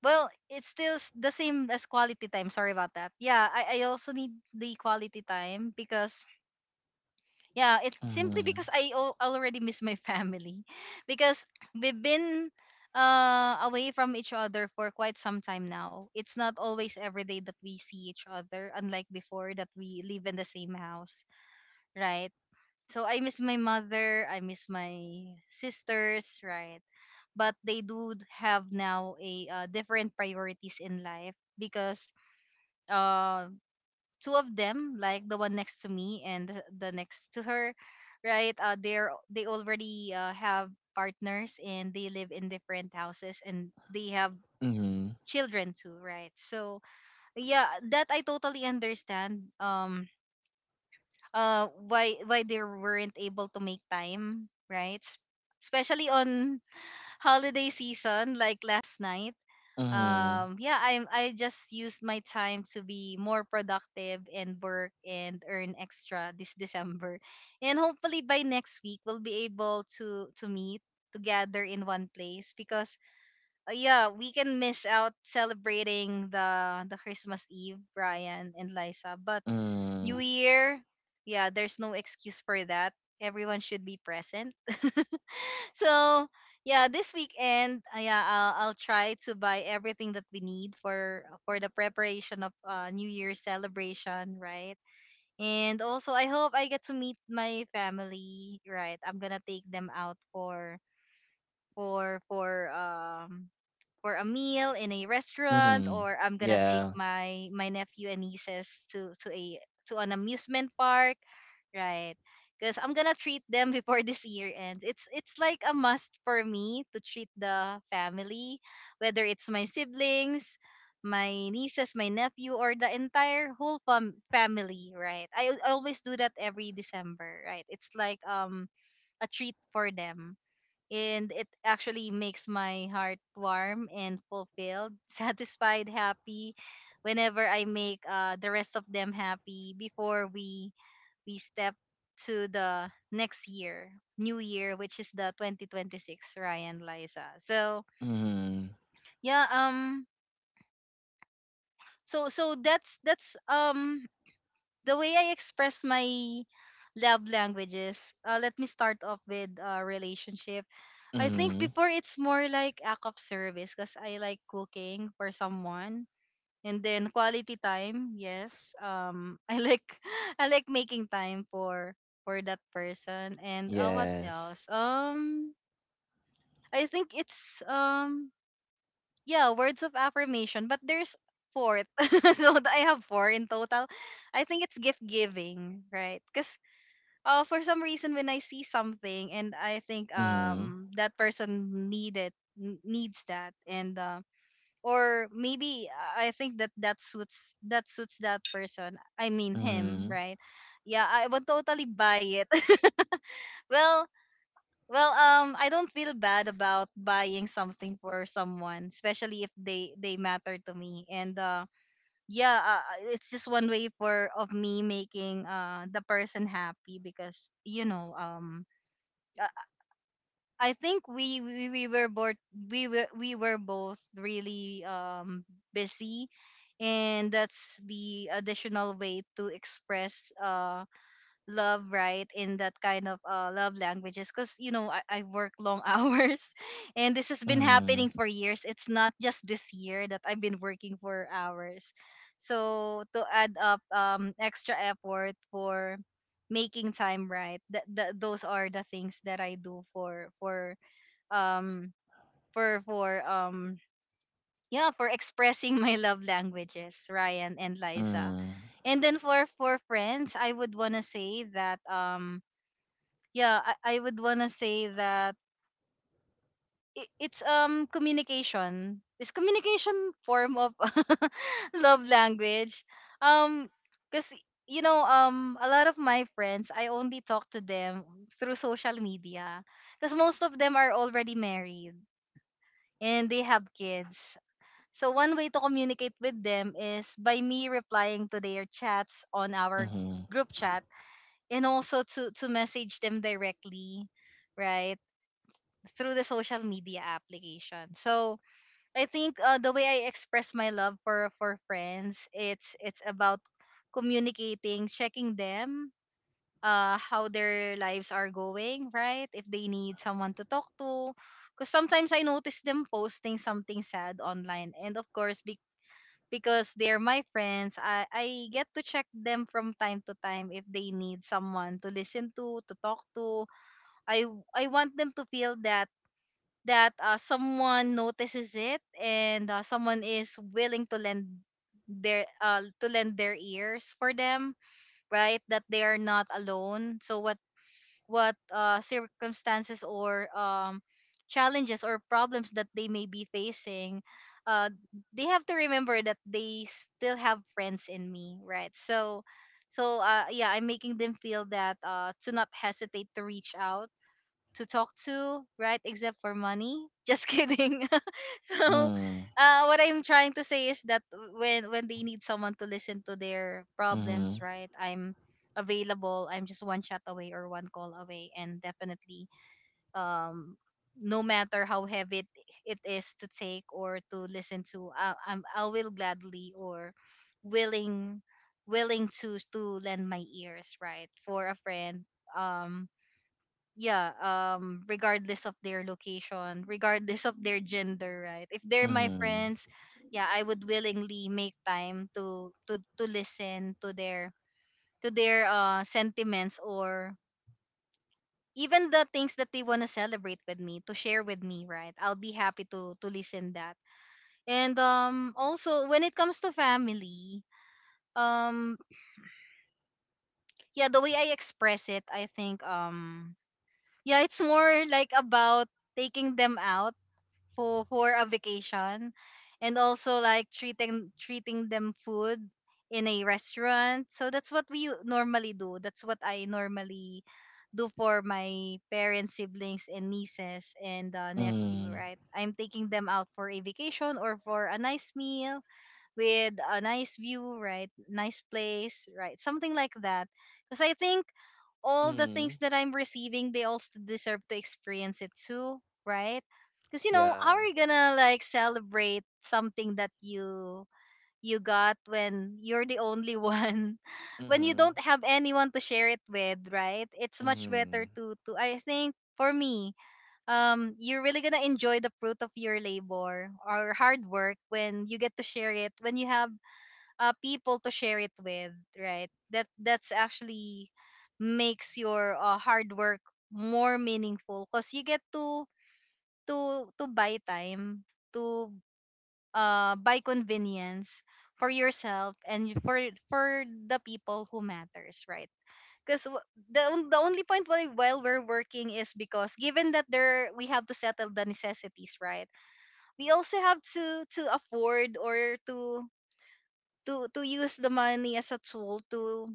A: well, it's still s- the same as quality time. Sorry about that. Yeah, I I also need the quality time because, yeah, it's simply
B: Mhm.
A: because I al- already miss my family because we've been uh away from each other for quite some time now. It's not always every day that we see each other, unlike before, that we live in the same house, right? So I miss my mother, I miss my sisters, right? But they do have now a uh, different priorities in life because uh two of them, like the one next to me and the the next to her, right? Uh, they're they already uh, have partners, and they live in different houses, and they have
B: Mhm.
A: children too, right? So yeah, that I totally understand. Um, uh, why why they weren't able to make time, right? S- Especially on holiday season, like last night.
B: Mhm.
A: Um yeah, i'm I just used my time to be more productive and work and earn extra this December, and hopefully by next week we'll be able to to meet together in one place. Because uh, yeah, we can miss out celebrating the the Christmas Eve, Brian and Liza, but new
B: Mhm.
A: year, yeah, there's no excuse for that. Everyone should be present. So yeah, this weekend, uh, yeah, I'll, I'll try to buy everything that we need for for the preparation of uh, new year's celebration, right? And also, I hope I get to meet my family, right? I'm gonna take them out for for for um for a meal in a restaurant,
B: Mhm.
A: or I'm gonna take
B: Yeah.
A: my my nephew and nieces to to a to an amusement park, right? Because I'm gonna treat them before this year ends. It's it's like a must for me to treat the family, whether it's my siblings, my nieces, my nephew, or the entire whole fam- family, right? I al- always do that every December, right? It's like um a treat for them, and it actually makes my heart warm and fulfilled, satisfied, happy, whenever I make uh, the rest of them happy before we we step to the next year, new year, which is the twenty twenty-six, Ryan, Liza. So
B: Mhm.
A: yeah, um so so that's that's um the way I express my love languages. Uh, let me start off with uh, relationship. I think
B: Mhm.
A: before, it's more like act of service because I like cooking for someone, and then quality time. Yes, um, I like I like making time for for that person. And uh, what
B: Yes.
A: else? Um, I think it's um yeah, words of affirmation. But there's fourth, so I have four in total. I think it's gift giving, right? Because uh, for some reason, when I see something and I think
B: Mhm.
A: um that person needed, n- needs that, and uh, or maybe, uh, I think that that suits that suits that person. I mean, him,
B: Mhm.
A: right? Yeah, I would totally buy it. well, well, um, I don't feel bad about buying something for someone, especially if they they matter to me. And uh, yeah, uh, uh, it's just one way for of me making uh the person happy, because you know um. Uh, I think we we, we were both we were we were both really um busy, and that's the additional way to express uh love, right? In that kind of uh love languages, because you know I, I work long hours, and this has been
B: Mhm.
A: happening for years. It's not just this year that I've been working for hours. So to add up um extra effort for making time, right? That, that those are the things that I do for for um for for um yeah, for expressing my love languages, Ryan and Liza.
B: Mm,
A: And then for for friends, I would want to say that um yeah, i, I would want to say that i- it's um communication, is communication form of love language. Um because you know, um a lot of my friends, I only talk to them through social media, because most of them are already married and they have kids. So one way to communicate with them is by me replying to their chats on our
B: mhm,
A: group chat, and also to to message them directly, right? Through the social media application. So I think uh, the way I express my love for for friends, it's it's about communicating, checking them, uh, how their lives are going, right? If they need someone to talk to, because sometimes I notice them posting something sad online, and of course, be because they're my friends, I, I get to check them from time to time if they need someone to listen to, to talk to. I I want them to feel that that uh, someone notices it, and uh, someone is willing to lend their uh to lend their ears for them, right? That they are not alone. So what what uh, circumstances or um, challenges or problems that they may be facing, uh, they have to remember that they still have friends in me, right? So, so uh, yeah, I'm making them feel that uh, to not hesitate to reach out to talk to, right? Except for money. Just kidding. So,
B: mm,
A: uh, what I'm trying to say is that when when they need someone to listen to their problems,
B: mhm,
A: right? I'm available. I'm just one chat away or one call away, and definitely, um, no matter how heavy it, it is to take or to listen to, I, I'm I will gladly or willing willing to to lend my ears, right, for a friend. Um, yeah, um regardless of their location, regardless of their gender, right? If they're my
B: mhm,
A: friends, yeah, I would willingly make time to to to listen to their to their uh sentiments, or even the things that they want to celebrate with me, to share with me, right? I'll be happy to to listen that. And um also when it comes to family, um yeah, the way I express it, I think um yeah, it's more like about taking them out for for a vacation, and also like treating treating them food in a restaurant. So that's what we u- normally do. That's what I normally do for my parents, siblings, and nieces and uh, nephew,
B: mm,
A: right? I'm taking them out for a vacation or for a nice meal with a nice view, right? Nice place, right? Something like that. Because I think all the things
B: mm,
A: that I'm receiving, they also deserve to experience it too, right? Because you know, how
B: yeah,
A: are you gonna like celebrate something that you you got when you're the only one, when you
B: mhm,
A: don't have anyone to share it with, right? It's much better
B: mhm,
A: to to I think for me, um, you're really gonna enjoy the fruit of your labor or hard work when you get to share it, when you have uh, people to share it with, right? That that's actually makes your uh, hard work more meaningful because you get to to to buy time to uh buy convenience for yourself and for for the people who matters, right? Because the, on- the only point why while we're working is because given that there we have to settle the necessities, right? We also have to to afford, or to to to use the money as a tool to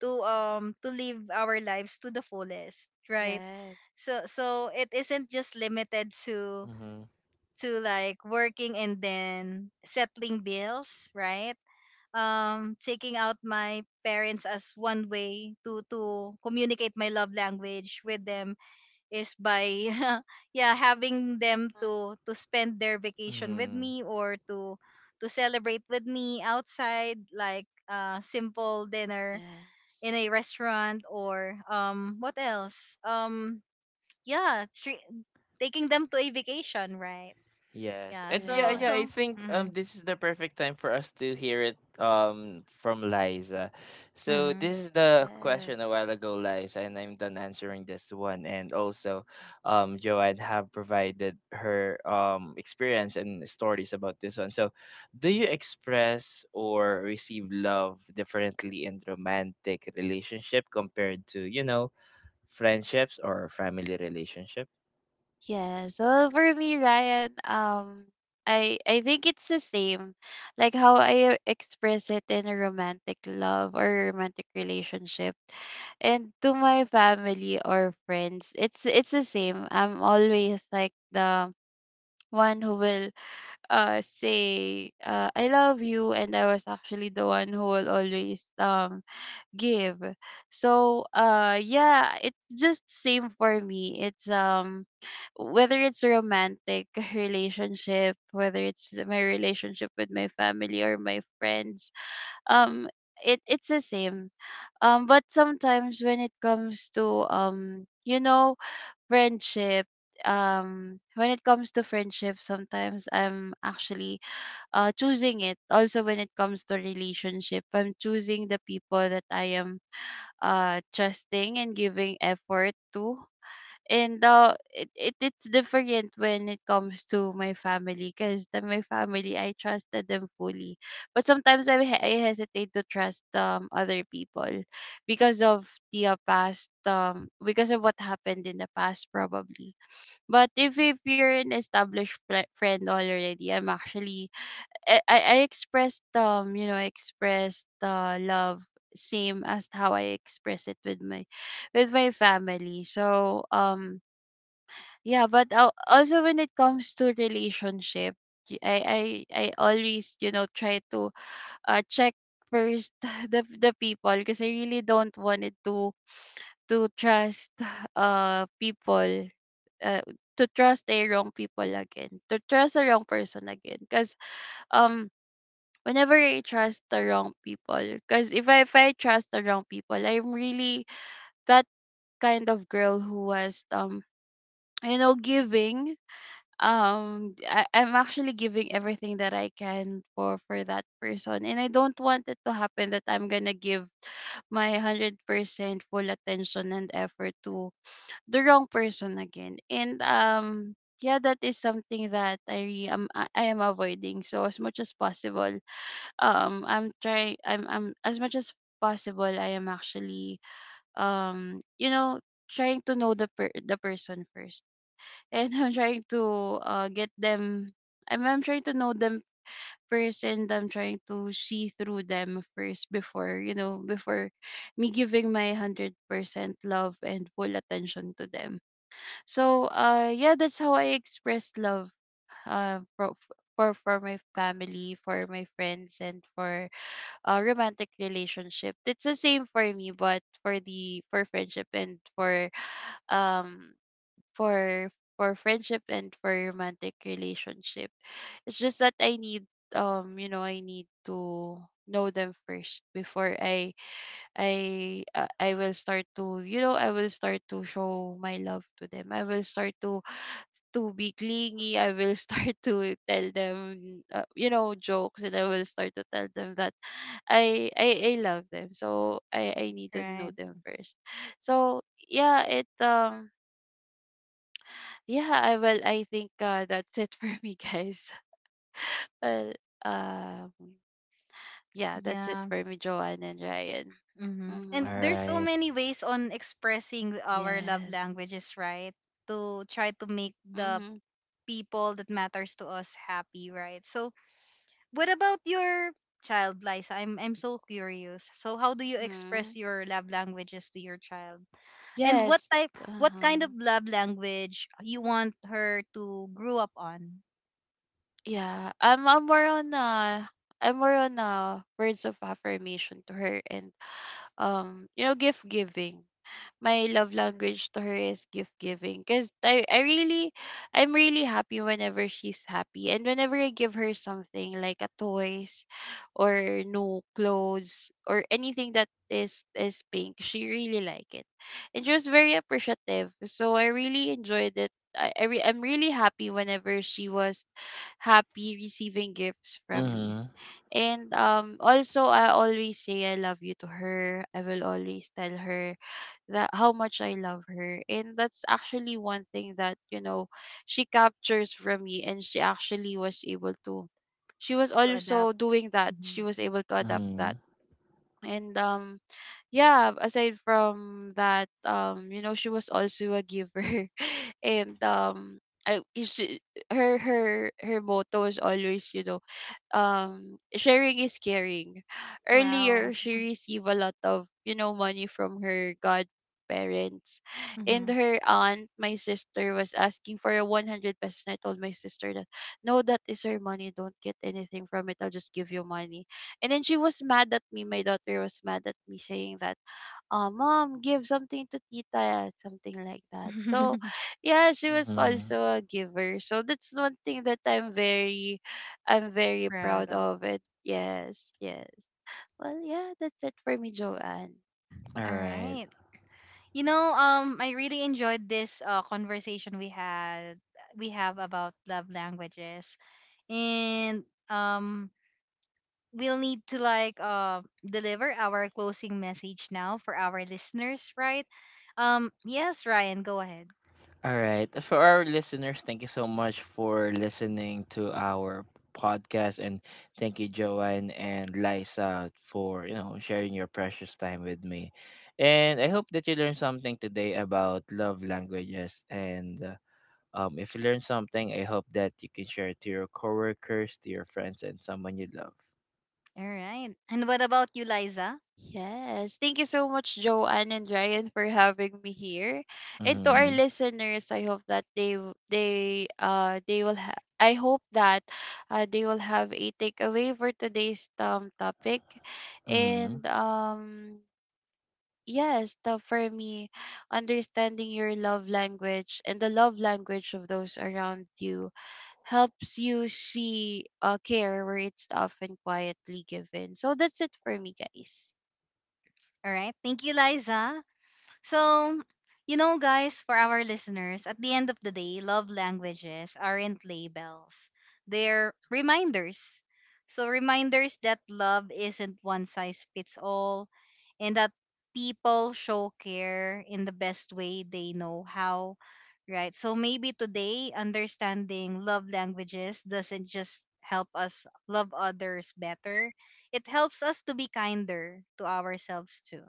A: to um to live our lives to the fullest, right?
C: Yes.
A: So so it isn't just limited to
B: mhm,
A: to like working and then settling bills, right? um taking out my parents as one way to to communicate my love language with them is by yeah, having them
C: Mhm.
A: to to spend their vacation with
B: mhm.
A: me, or to to celebrate with me outside, like uh simple dinner
C: Yes.
A: in a restaurant, or um what else? Um yeah, tre- taking them to a vacation, right?
B: Yes.
A: Yeah,
B: And yeah,
A: so
B: yeah,
C: Correct.
B: I
A: so
B: think um
A: mm-hmm,
B: this is the perfect time for us to hear it um from Liza. So
A: mm-hmm,
B: this is the
C: Yes.
B: question a while ago, Liza, and I'm done answering this one. And also um Joanne have provided her um experience and stories about this one. So do you express or receive love differently in romantic relationship compared to, you know, friendships or family relationship?
C: Yes. Well, for me, Ryan, um, I I think it's the same, like how I express it in a romantic love or romantic relationship, and to my family or friends. It's it's the same. I'm always like the one who will uh say, uh, I love you, and I was actually the one who will always um give. So uh yeah, it's just same for me. It's um whether it's a romantic relationship, whether it's my relationship with my family or my friends, um, it it's the same. Um, but sometimes when it comes to, um, you know, friendship, um, when it comes to friendship, sometimes I'm actually uh choosing it. Also, when it comes to relationship, I'm choosing the people that I am uh trusting and giving effort to. And uh it, it it's different when it comes to my family because the my family I trusted them fully. But sometimes, i, he- I hesitate to trust, um other people because of the uh, past um because of what happened in the past, probably. But if if you're an established, fri friend already, I'm actually, i i, I expressed um you know I expressed, uh, love same as how I express it with my with my family. So um yeah, but al- also when it comes to relationship, y- I I I always, you know try to uh check first the the people because I really don't want it to, to trust uh people, uh to trust a wrong people again to trust a wrong person again, because, um whenever I trust the wrong people. Because if I if I trust the wrong people, I'm really that kind of girl who was, um you know giving, um I, i'm actually giving everything that I can for, for that person. And I don't want it to happen that I'm gonna give my one hundred percent full attention and effort to the wrong person again. And um yeah, that is something that i re- am i I am avoiding, so as much as possible. um I'm trying, I'm I'm as much as possible I am actually, um you know trying to know the per- the person first. And I'm trying to, uh, get them. I'm I'm trying to know them first, and I'm trying to see through them first, before you know before me giving my one hundred percent love and full attention to them. So uh yeah, that's how I express love, uh for for for my family, for my friends, and for a romantic relationship. It's the same for me, but for the for friendship and for um for for friendship and for romantic relationship. It's just that I need um you know I need to know them first before I I uh, I will start to, you know I will start to show my love to them. I will start to to be clingy. I will start to tell them, uh, you know jokes, and I will start to tell them that I I I love them. So I I need to know
A: right,
C: them first. So yeah, it um yeah, I well, I think, uh, that's it for me, guys. Well, um, yeah, that's it
A: yeah.
C: for me, Joanne and Ryan.
A: Mm-hmm. And
C: Mm-hmm.
B: All
A: there's so
B: right.
A: many ways on expressing our love
C: Yes.
A: languages, right? To try to make the
C: Mm-hmm.
A: people that matters to us happy, right? So what about your child, Liza? I'm I'm so curious. So how do you
C: Mm-hmm.
A: express your love languages to your child? And what
C: Yes.
A: type what kind
C: Uh-huh.
A: of love language you want her to grow up on,
C: Yeah. I'm, I'm more on uh, I'm more on, uh, words of affirmation to her, and, um, you know, gift giving. My love language to her is gift giving, because I, I really i'm really happy whenever she's happy, and whenever I give her something like a toys or new clothes or anything that is is pink, she really like it, and she was very appreciative, so I really enjoyed it. I, I re- I'm really happy whenever she was happy receiving gifts from me.
B: Mm-hmm.
C: And um also, I always say I love you to her. I will always tell her that how much I love her. And that's actually one thing that, you know, she captures from me, and she actually was able to she was
A: to adapt?
C: also doing that. She
A: Mhm.
C: was able to adapt that. And um yeah, aside from that, um, you know, she was also a giver. And um I, she, her her her motto is always, you know um sharing is caring.
A: Wow.
C: Earlier, she received a lot of, you know, money from her godparents. And
A: Mm-hmm.
C: her aunt, my sister, was asking for a one hundred pesos. And I told my sister that, no, that is her money. Don't get anything from it. I'll just give you money. And then she was mad at me. My daughter was mad at me saying that, uh, "Mom, give something to Tita," something like that. So yeah, she was
B: Mhm.
C: also a giver. So that's one thing that I'm very, I'm very
A: Proud
C: proud
A: of.
C: of it. Yes, yes. Well, yeah, that's it for me, Joanne.
B: All
A: All
B: right.
A: right. You know, um, I really enjoyed this uh, conversation we had we have about love languages, and um, we'll need to like uh deliver our closing message now for our listeners, right? Um, yes, Ryan, go ahead.
B: All right. For our listeners, thank you so much for listening to our podcast and thank you Joanne and Liza for, you know, sharing your precious time with me. And I hope that you learned something today about love languages and uh, um if you learned something, I hope that you can share it to your coworkers, to your friends and someone you love.
A: All right. And what about you, Liza?
C: Yes. Thank you so much, Joanne and Ryan, for having me here. And to our
B: Mhm.
A: Mhm.
C: listeners, I hope that they w- they uh they will ha- I hope that, uh, they will have a takeaway for today's um topic.
B: Mhm.
C: And um yes, the, for me, understanding your love language and the love language of those around you helps you see, uh, care where it's often quietly given. So that's it for me, guys.
A: All right. Thank you, Liza. So, you know, guys, for our listeners, at the end of the day, love languages aren't labels, they're reminders. So, reminders that love isn't one size fits all, and that people show care in the best way they know how, right? So, maybe today, understanding love languages doesn't just help us love others better, it helps us to be kinder to ourselves too.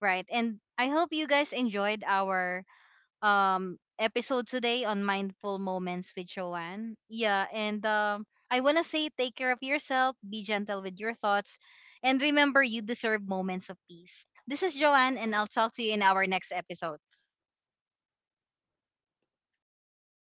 A: Right. And I hope you guys enjoyed our um episode today on Mindful Moments with Joanne. Yeah, and um I want to say take care of yourself, be gentle with your thoughts, and remember you deserve moments of peace. This is Joanne, and I'll talk to you in our next episode.